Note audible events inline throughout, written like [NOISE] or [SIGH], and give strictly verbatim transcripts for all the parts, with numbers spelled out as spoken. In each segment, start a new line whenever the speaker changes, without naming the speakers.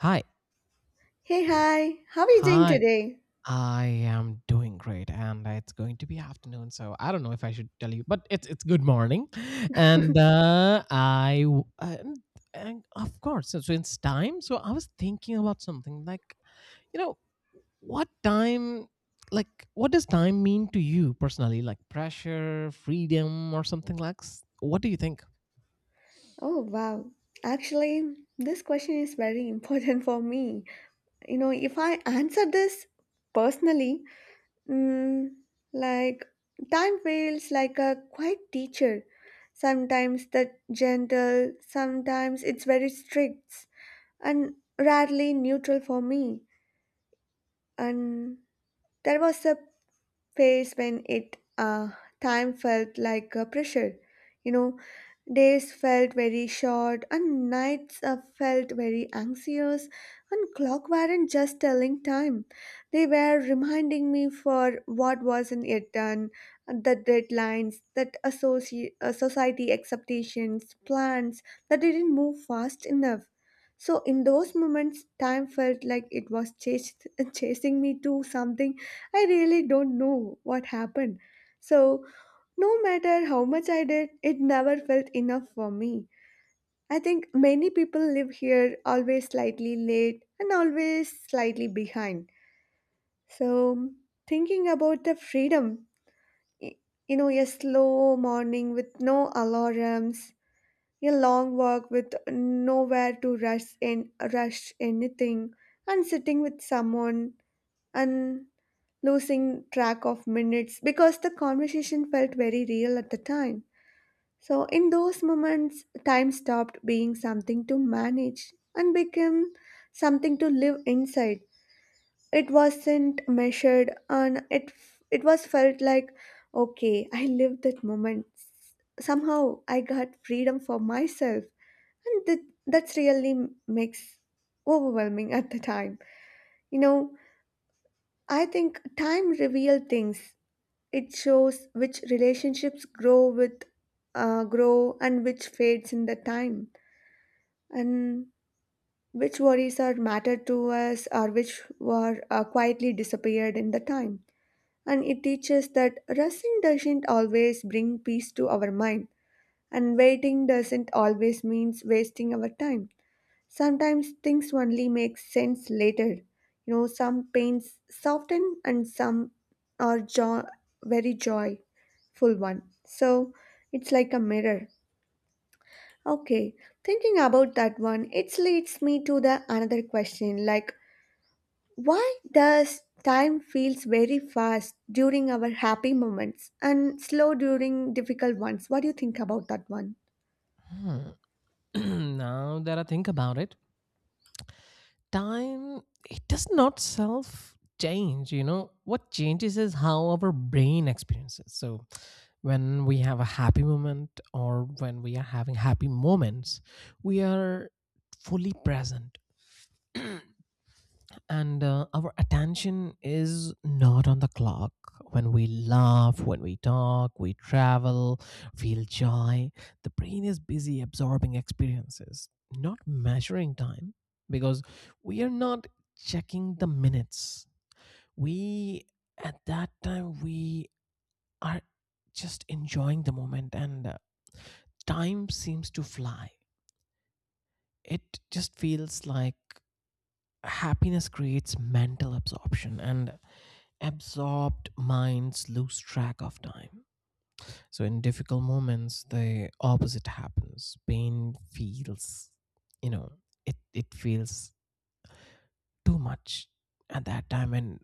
Hi.
Hey, hi, how are you doing
Hi.
today?
I am doing great and it's going to be afternoon, so I don't know if I should tell you, but it's it's good morning and uh, I w- and, and of course. So, so it's time, so I was thinking about something like, you know what time, like what does time mean to you personally, like pressure, freedom, or something like s- what do you think?
Oh, wow. Actually, this question is very [LAUGHS] important for me. You know, if I answer this personally, mm, like time feels like a quiet teacher. Sometimes the gentle, sometimes it's very strict, and rarely neutral for me. And there was a phase when it uh, time felt like a pressure. You know, days felt very short and nights uh, felt very anxious, and clock weren't just telling time. They were reminding me for what wasn't yet done, the deadlines, that associ- uh, society expectations, plans that didn't move fast enough. So in those moments, time felt like it was chased, [LAUGHS] chasing me to something. I really don't know what happened. So, no matter how much I did, it never felt enough for me. I think many people live here always slightly late and always slightly behind. So, thinking about the freedom, y- you know, a slow morning with no alarms, a long walk with nowhere to rush in, rush anything, and sitting with someone and losing track of minutes because the conversation felt very real at the time. So, in those moments, time stopped being something to manage and became something to live inside. It wasn't measured, and it, f- it was felt like, okay, I lived that moment. Somehow I got freedom for myself. And that, that's really makes overwhelming at the time. You know, I think time reveal things. It shows which relationships grow with uh, grow and which fades in the time, and which worries are mattered to us or which were uh, quietly disappeared in the time. And it teaches that rushing doesn't always bring peace to our mind, and waiting doesn't always means wasting our time. Sometimes things only make sense later. You know, some pains soften, and some are jo- very joy full one. So it's like a mirror. Okay, thinking about that one, it leads me to the another question like why does time feels very fast during our happy moments and slow during difficult ones? What do you think about that one?
Hmm. [CLEARS THROAT] Now that I think about it, time, it does not self change. You know, what changes is how our brain experiences. So when we have a happy moment, or when we are having happy moments, we are fully present, and uh, our attention is not on the clock. When we laugh, when we talk, we travel, feel joy, the brain is busy absorbing experiences, not measuring time, because we are not checking the minutes. We, at that time, we are just enjoying the moment, and uh, time seems to fly. It just feels like happiness creates mental absorption, and absorbed minds lose track of time. So in difficult moments the opposite happens. Pain feels, you know it it feels too much at that time, and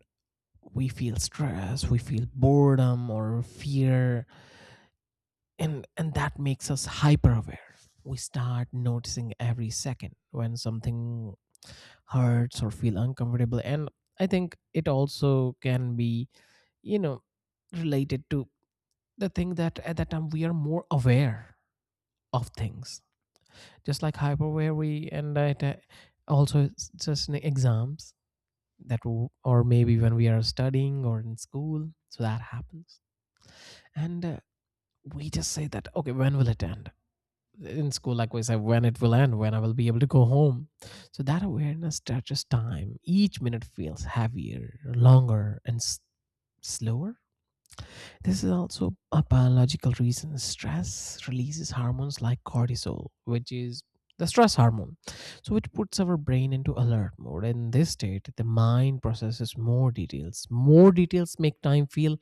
we feel stress, we feel boredom or fear, and and that makes us hyper aware. We start noticing every second when something hurts or feel uncomfortable, and I think it also can be, you know related to the thing that at that time we are more aware of things, just like hyper aware. We and that, uh, also it's just in exams that w- or maybe when we are studying or in school, so that happens. And uh, we just say that, okay, when will it end? In school, like we said, when it will end, when I will be able to go home. So that awareness touches time. Each minute feels heavier, longer, and s- slower. This is also a biological reason. Stress releases hormones like cortisol, which is the stress hormone, so it puts our brain into alert mode. In this state, the mind processes more details. More details make time feel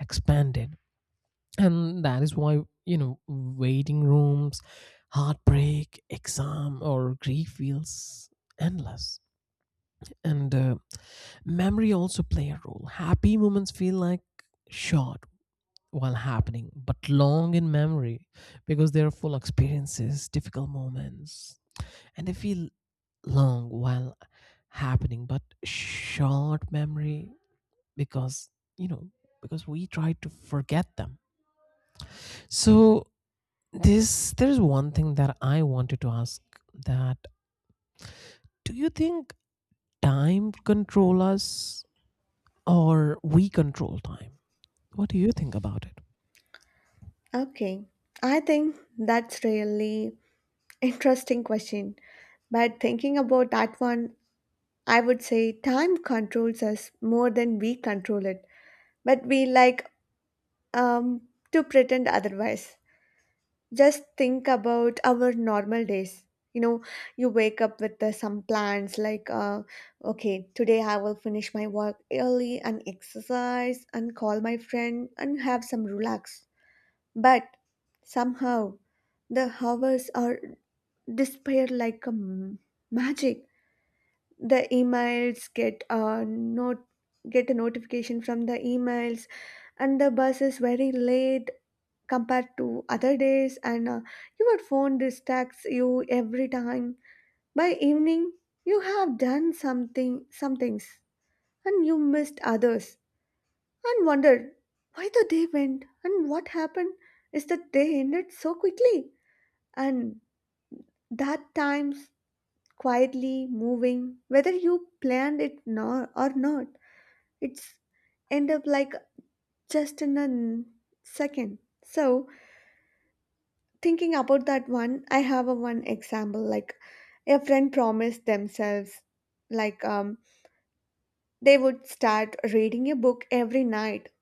expanded, and that is why, you know waiting rooms, heartbreak, exam, or grief feels endless. And uh, memory also play a role. Happy moments feel like short while happening but long in memory, because they are full experiences. Difficult moments, and they feel long while happening, but short memory, because, you know because we try to forget them. So this, there's one thing that I wanted to ask, that do you think time control us, or we control time? What do you think about it?
Okay, I think that's really interesting question. But thinking about that one, I would say time controls us more than we control it. But we like um, to pretend otherwise. Just think about our normal days. You know, you wake up with uh, some plans like, uh, okay, today I will finish my work early and exercise and call my friend and have some relax. But somehow the hours are disappear like a m- magic. The emails get a not get a notification from the emails, and the bus is very late compared to other days, and uh, your phone distracts you every time. By evening you have done something some things and you missed others, and wondered why the day went and what happened, is that they ended so quickly. And that times quietly moving, whether you planned it nor or not, it's end up like just in a n- second. So, thinking about that one, I have a one example like a friend promised themselves like um they would start reading a book every night.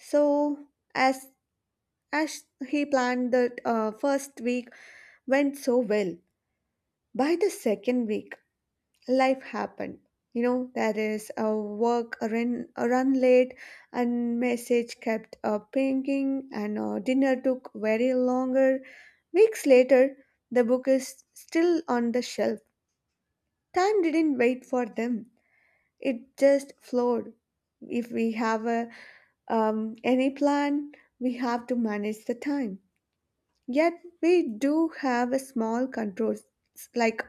So as as he planned the uh, first week went so well. By the second week life happened, you know, there is a work, a run, a run late, and message kept uh, pinging, and uh, dinner took very longer. Weeks later, the book is still on the shelf. Time didn't wait for them, it just flowed. If we have a um, any plan, we have to manage the time. Yet we do have a small controls, like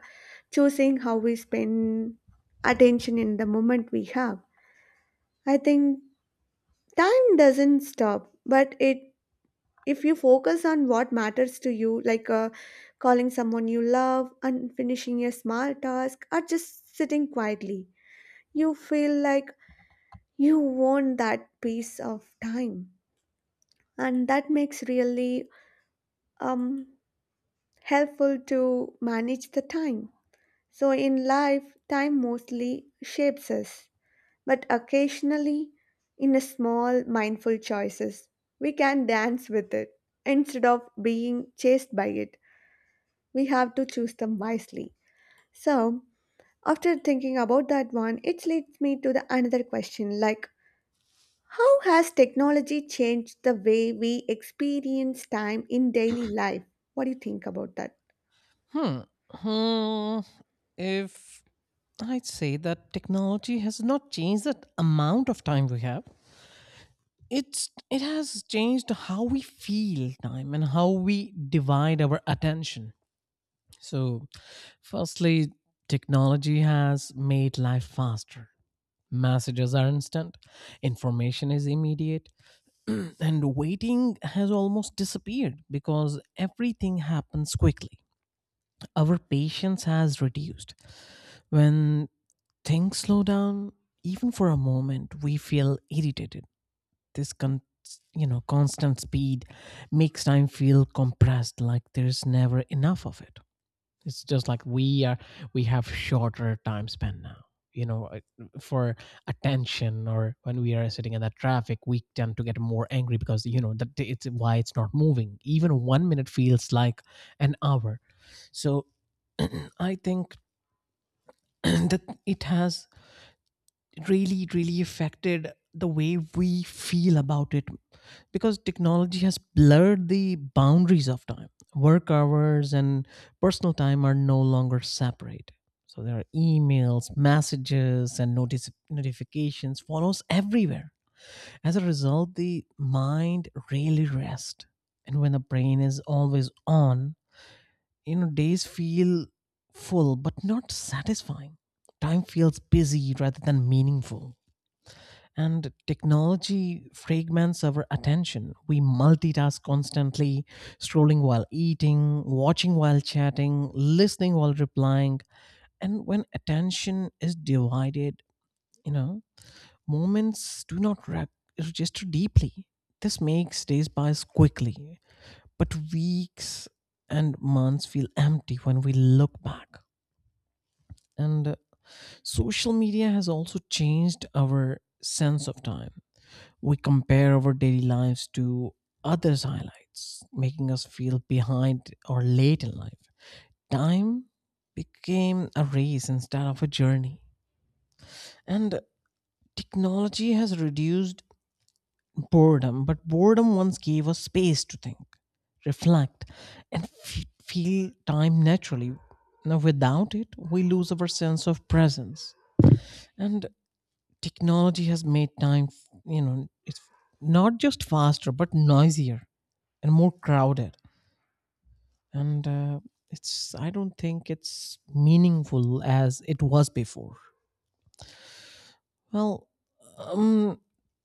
choosing how we spend attention in the moment we have. I think time doesn't stop, but it, if you focus on what matters to you, like uh, calling someone you love and finishing a small task or just sitting quietly, you feel like you want that piece of time. And that makes really um, helpful to manage the time. So in life, time mostly shapes us, but occasionally, in a small, mindful choices, we can dance with it. Instead of being chased by it, we have to choose them wisely. So, after thinking about that one, it leads me to the another question like, how has technology changed the way we experience time in daily life? What do you think about that?
Hmm. Hmm. If I'd say that technology has not changed the amount of time we have. It's it has changed how we feel time and how we divide our attention. So, firstly, technology has made life faster. Messages are instant, information is immediate, [CLEARS THROAT] and waiting has almost disappeared because everything happens quickly. Our patience has reduced. When things slow down even for a moment, we feel irritated. This con- you know constant speed makes time feel compressed, like there's never enough of it. It's just like we are, we have shorter time span now. you know uh, for attention, or when we are sitting in that traffic we tend to get more angry, because, you know, that it's why it's not moving. Even one minute feels like an hour. So [CLEARS THROAT] I think [CLEARS THROAT] that it has really, really affected the way we feel about it, because technology has blurred the boundaries of time. Work hours and personal time are no longer separate, so there are emails, messages, and notice notifications follows everywhere. As a result, the mind rarely rests, and when the brain is always on, you know days feel full but not satisfying. Time feels busy rather than meaningful, and technology fragments our attention. We multitask constantly, scrolling while eating, watching while chatting, listening while replying. And when attention is divided, you know, moments do not rep- register deeply. This makes days pass quickly, but weeks and months feel empty when we look back. And uh, social media has also changed our sense of time. We compare our daily lives to others' highlights, making us feel behind or late in life. Time became a race instead of a journey. And technology has reduced boredom, but boredom once gave us space to think, reflect, and f- feel time naturally. Now, without it, we lose our sense of presence. And technology has made time, you know, it's not just faster, but noisier and more crowded. And uh, it's, I don't think it's meaningful as it was before. Well, um,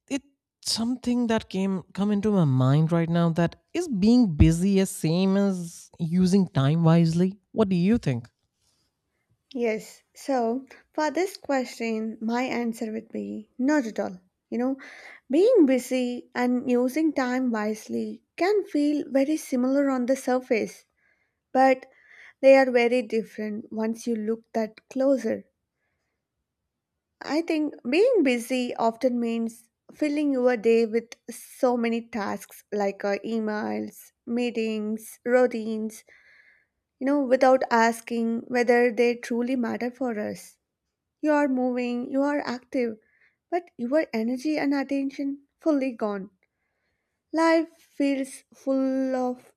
it's something that came come into my mind right now, that is being busy as same as using time wisely. What do you think?
Yes. So for this question, my answer would be not at all. You know, being busy and using time wisely can feel very similar on the surface, but they are very different once you look that closer. I think being busy often means filling your day with so many tasks like uh, emails, meetings, routines, you know, without asking whether they truly matter for us. You are moving, you are active, but your energy and attention fully gone. Life feels full of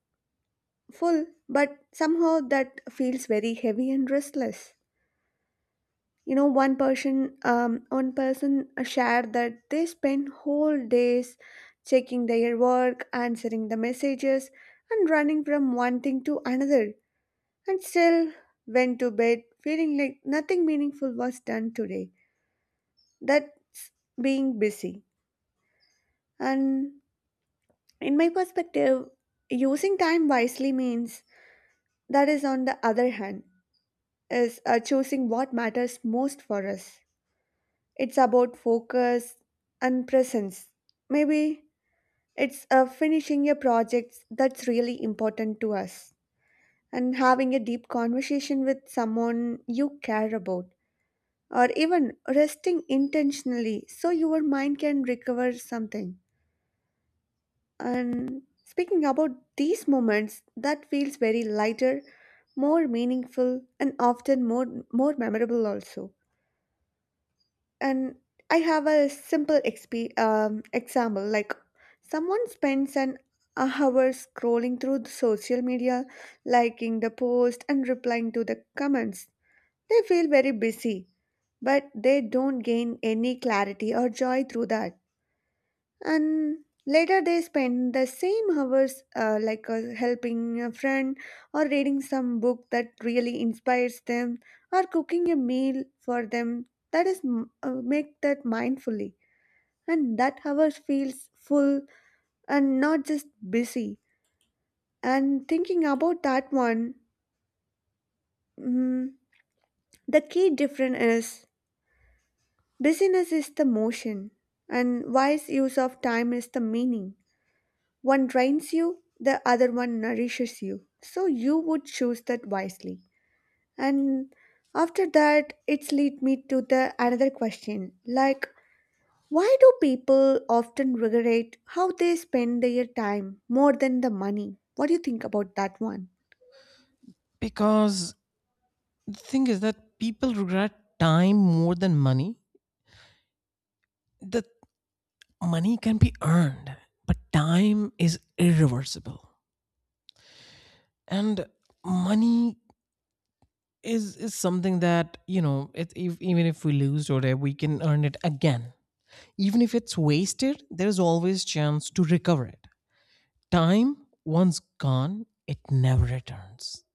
full, but somehow that feels very heavy and restless. You know, one person, um, one person shared that they spend whole days checking their work, answering the messages, and running from one thing to another, and still went to bed feeling like nothing meaningful was done today. That's being busy. And in my perspective, using time wisely means that is, on the other hand, is uh, choosing what matters most for us. It's about focus and presence. Maybe it's uh, finishing a project that's really important to us and having a deep conversation with someone you care about, or even resting intentionally so your mind can recover something. And speaking about these moments, that feels very lighter, more meaningful, and often more more memorable also. And I have a simple exp- um, example like someone spends an hour scrolling through the social media, liking the post and replying to the comments. They feel very busy, but they don't gain any clarity or joy through that. And later they spend the same hours uh, like uh, helping a friend or reading some book that really inspires them or cooking a meal for them, that is m- uh, make that mindfully, and that hour feels full and not just busy. And thinking about that one, mm, the key difference is busyness is the motion and wise use of time is the meaning. One drains you, the other one nourishes you. So you would choose that wisely. And after that, it's lead me to the another question, like why do people often regret how they spend their time more than the money? What do you think about that one?
Because the thing is that people regret time more than money. The money can be earned, but time is irreversible. And money is is something that, you know, it, if, even if we lose today, we can earn it again. Even if it's wasted, there is always chance to recover it. Time, once gone, it never returns.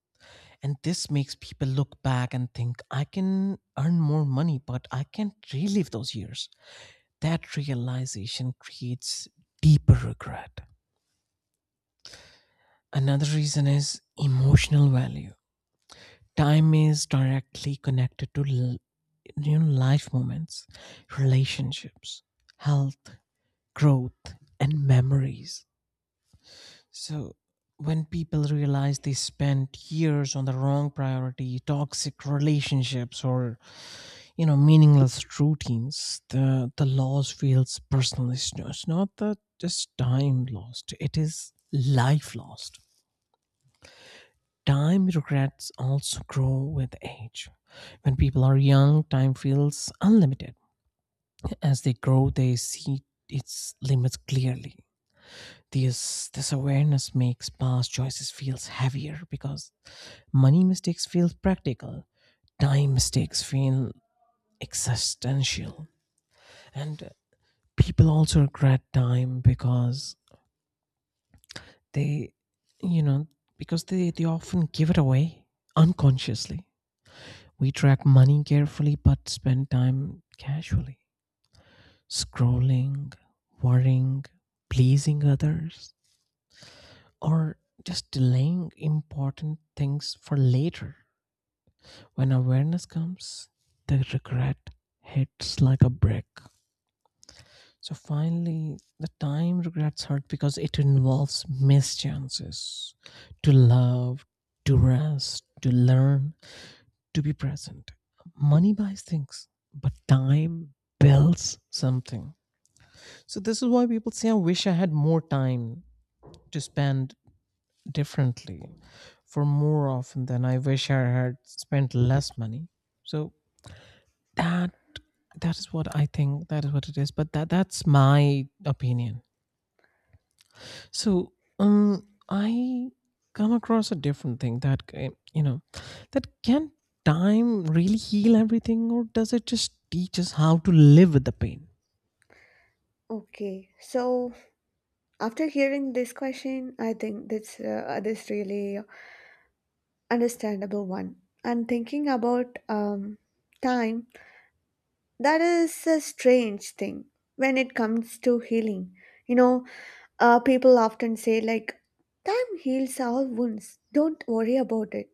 And this makes people look back and think, I can earn more money, but I can't relive those years. That realization creates deeper regret. Another reason is emotional value. Time is directly connected to l- you know, life moments, relationships, health, growth, and memories. So when people realize they spent years on the wrong priority, toxic relationships, or, you know, meaningless routines, the the loss feels personal. It's not, it's not the just time lost; it is life lost. Time regrets also grow with age. When people are young, time feels unlimited. As they grow, they see its limits clearly. This, this awareness makes past choices feels heavier, because money mistakes feel practical, time mistakes feel existential. And people also regret time because they, you know, because they, they often give it away unconsciously. We track money carefully but spend time casually, scrolling, worrying, pleasing others, or just delaying important things for later. When awareness comes, the regret hits like a brick. So finally, the time regrets hurt because it involves missed chances to love, to rest, to learn, to be present. Money buys things, but time builds something. So this is why people say, I wish I had more time to spend differently for more often than I wish I had spent less money. So that, that is what I think. That is what it is. But that, that's my opinion. So, um, I come across a different thing, that ca- you know, that can time really heal everything, or does it just teach us how to live with the pain?
Okay, so after hearing this question, I think that's uh, this really understandable one. And thinking about um, time, that is a strange thing when it comes to healing. You know, uh, people often say, like, time heals all wounds, don't worry about it.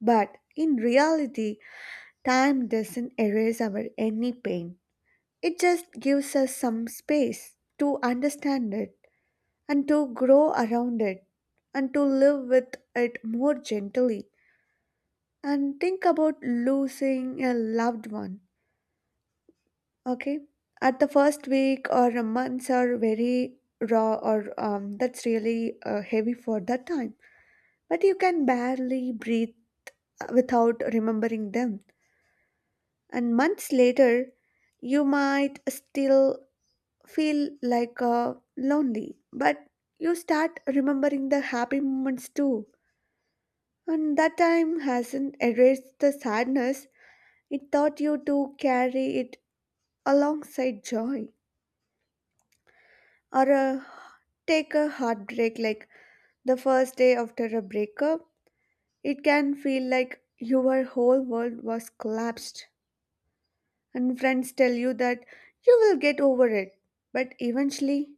But in reality, time doesn't erase our any pain. It just gives us some space to understand it and to grow around it and to live with it more gently. And think about losing a loved one. Okay. At the first week or a months are very raw or um, that's really uh, heavy for that time. But you can barely breathe without remembering them. And months later, you might still feel like uh, lonely, but you start remembering the happy moments too. And that time hasn't erased the sadness. It taught you to carry it alongside joy. Or uh, take a heartbreak like the first day after a breakup, it can feel like your whole world was collapsed, and friends tell you that you will get over it. But eventually,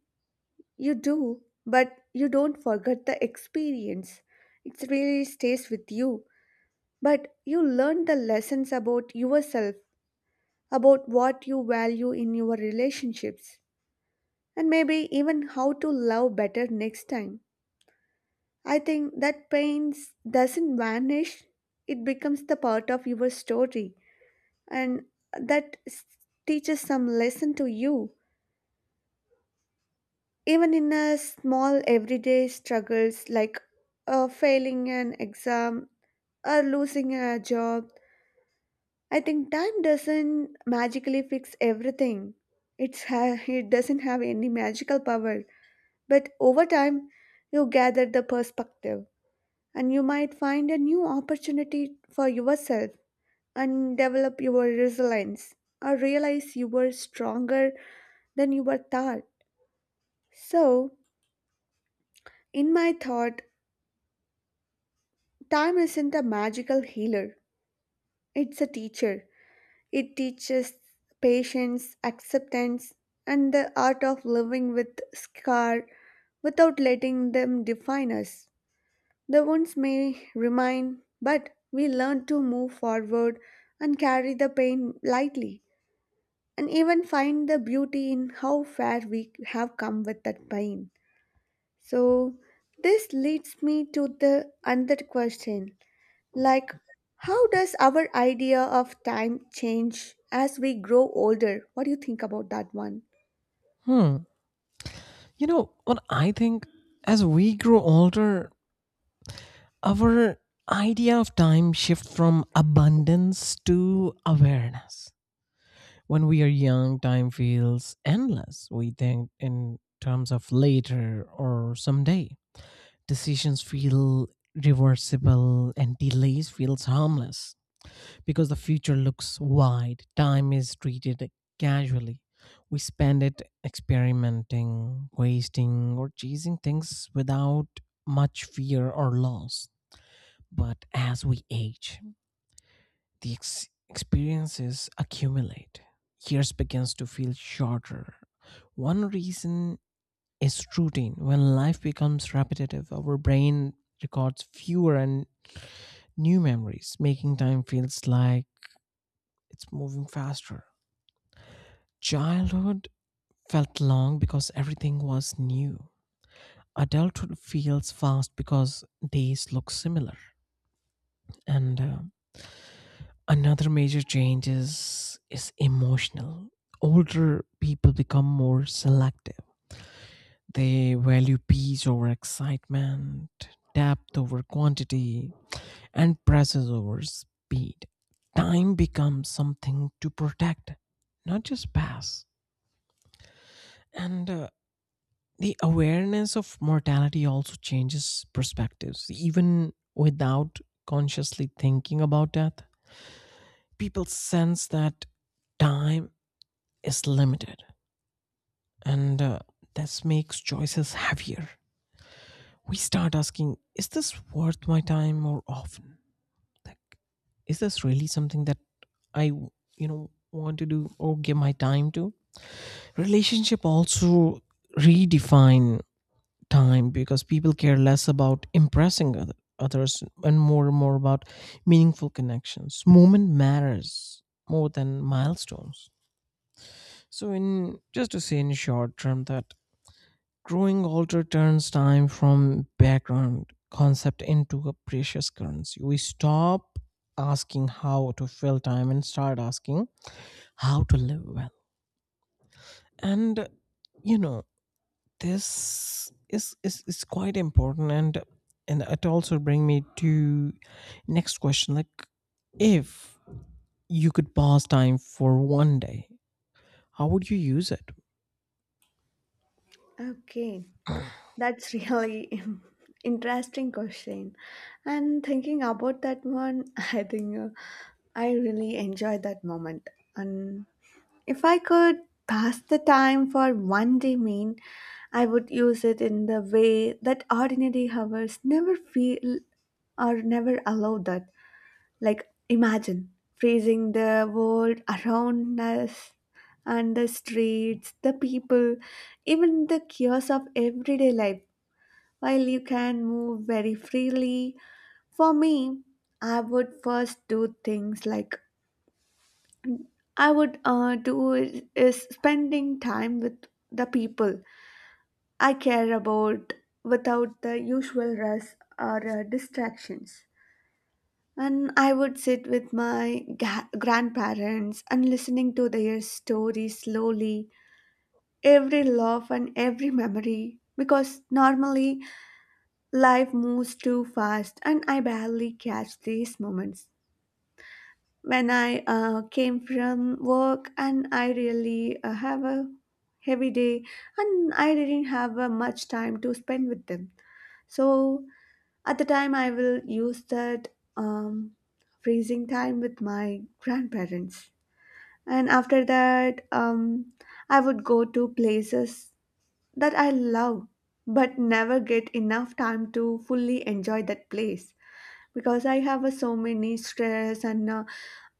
you do, but you don't forget the experience. It really stays with you. But you learn the lessons about yourself, about what you value in your relationships, and maybe even how to love better next time. I think that pain s- doesn't vanish, it becomes the part of your story, and that s- teaches some lesson to you. Even in a small everyday struggles like uh, failing an exam or losing a job, I think time doesn't magically fix everything. It's ha- it doesn't have any magical power, but over time, you gather the perspective, and you might find a new opportunity for yourself and develop your resilience or realize you were stronger than you were thought. So, in my thought, time isn't a magical healer, it's a teacher. It teaches patience, acceptance, and the art of living with scar without letting them define us. The wounds may remain, but we learn to move forward and carry the pain lightly, and even find the beauty in how far we have come with that pain. So, this leads me to the another question like, how does our idea of time change as we grow older? What do you think about that one?
Hmm. You know what I think? As we grow older, our idea of time shifts from abundance to awareness. When we are young, time feels endless. We think in terms of later or someday. Decisions feel reversible and delays feels harmless, because the future looks wide. Time is treated casually. We spend it experimenting, wasting, or chasing things without much fear or loss. But as we age, the ex- experiences accumulate, years begins to feel shorter. One reason is routine. When life becomes repetitive, our brain records fewer and new memories, making time feels like it's moving faster. Childhood felt long because everything was new. Adulthood feels fast because days look similar. And uh, another major change is, is emotional. Older people become more selective. They value peace over excitement, depth over quantity, and presses over speed. Time becomes something to protect, not just pass. And uh, the awareness of mortality also changes perspectives. Even without consciously thinking about death, people sense that time is limited, and uh, this makes choices heavier. We start asking, is this worth my time, more often? Like, is this really something that I, you know, want to do or give my time to? Relationship also redefine time, because people care less about impressing other, others, and more and more about meaningful connections. Moment matters more than milestones. So in just to say in short term, that growing altar turns time from background concept into a precious currency. We stop asking how to fill time and start asking how to live well. And, you know, this is is, is quite important, and and it also bring me to next question, like, if you could pass time for one day, how would you use it?
Okay. That's really [LAUGHS] interesting question. And thinking about that one, [LAUGHS] I think uh, I really enjoyed that moment. And if I could pass the time for one day mean, I would use it in the way that ordinary hours never feel or never allow that. Like imagine freezing the world around us and the streets, the people, even the chaos of everyday life, while you can move very freely. For me, I would first do things like I would uh, do is, is spending time with the people I care about without the usual rush or uh, distractions. And I would sit with my ga- grandparents and listening to their stories slowly, every laugh and every memory. Because normally life moves too fast, and I barely catch these moments. When I uh, came from work, and I really uh, have a heavy day, and I didn't have uh, much time to spend with them. So at the time, I will use that um, freezing time with my grandparents, and after that, um, I would go to places that I love but never get enough time to fully enjoy that place, because I have uh, so many stress and uh,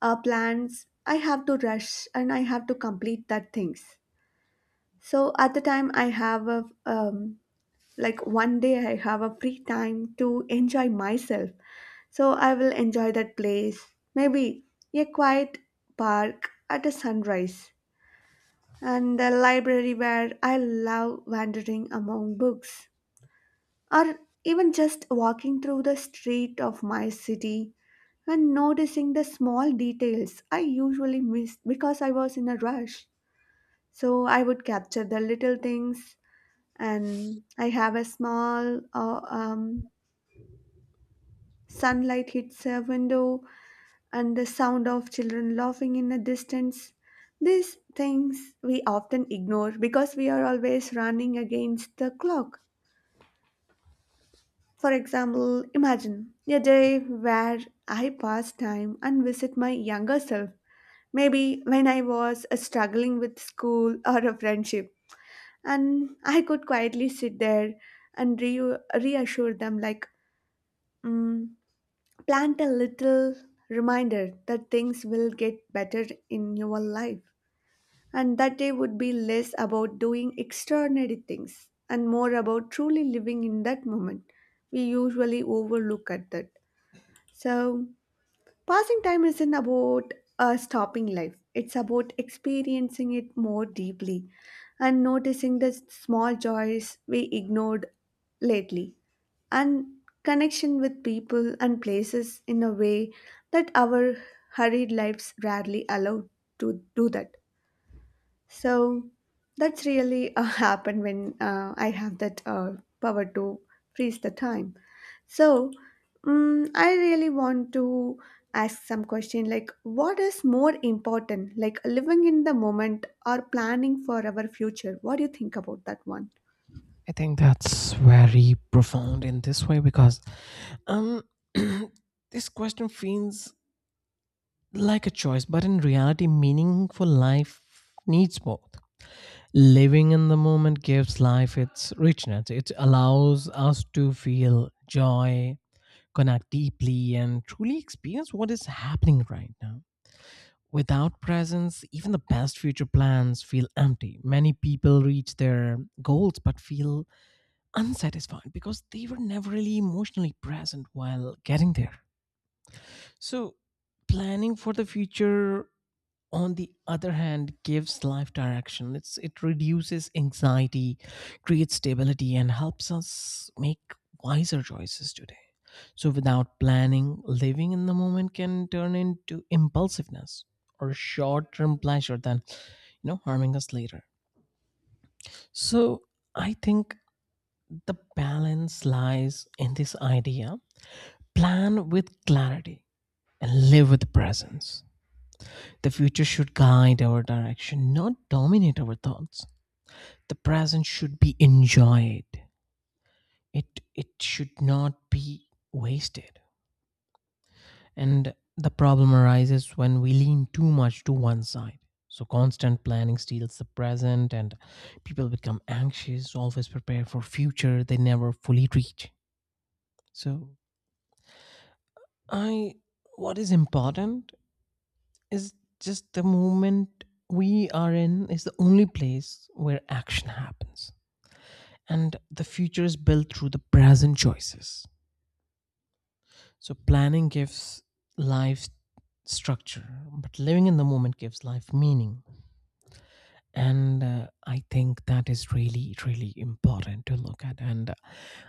uh, plans. I have to rush and I have to complete that things. So at the time I have a um, like one day I have a free time to enjoy myself. So I will enjoy that place. Maybe a quiet park at a sunrise and the library where I love wandering among books, or even just walking through the street of my city and noticing the small details I usually miss because I was in a rush. So I would capture the little things, and I have a small uh, um, sunlight hits a window, and the sound of children laughing in the distance. These things we often ignore because we are always running against the clock. For example, imagine a day where I pass time and visit my younger self, maybe when I was uh, struggling with school or a friendship, and I could quietly sit there and re- reassure them, like, mm, plant a little reminder that things will get better in your life. And that day would be less about doing extraordinary things and more about truly living in that moment. We usually overlook at that. So, passing time isn't about uh, stopping life, it's about experiencing it more deeply and noticing the small joys we ignored lately and connection with people and places in a way that our hurried lives rarely allow to do that. So, that's really uh, [LAUGHS] happened when uh, I have that uh, power to freeze the time. So, mm I really want to ask some question like what is more important, like living in the moment or planning for our future? What do you think about that one?
I think that's very profound in this way, because um [CLEARS THROAT] this question feels like a choice, but in reality meaningful life needs both. Living in the moment gives life its richness. It allows us to feel joy, connect deeply, and truly experience what is happening right now. Without presence, even the best future plans feel empty. Many people reach their goals but feel unsatisfied because they were never really emotionally present while getting there. So, planning for the future, on the other hand, gives life direction. It's it reduces anxiety, creates stability, and helps us make wiser choices today. So without planning, living in the moment can turn into impulsiveness or short-term pleasure, than, you know, harming us later. So I think the balance lies in this idea: plan with clarity and live with presence. The future should guide our direction, not dominate our thoughts. The present should be enjoyed. It it should not be wasted. And the problem arises when we lean too much to one side. So constant planning steals the present, and people become anxious, always prepare for future they never fully reach. So I what is important is just the moment we are in is the only place where action happens, and the future is built through the present choices. So planning gives life structure, but living in the moment gives life meaning. And uh, I think that is really, really important to look at. And uh,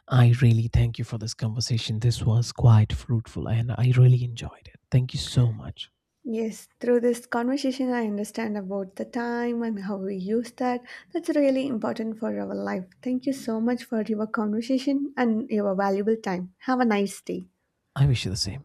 I really thank you for this conversation. This was quite fruitful and I really enjoyed it. Thank you so much.
Yes, through this conversation, I understand about the time and how we use that. That's really important for our life. Thank you so much for your conversation and your valuable time. Have a nice day.
I wish you the same.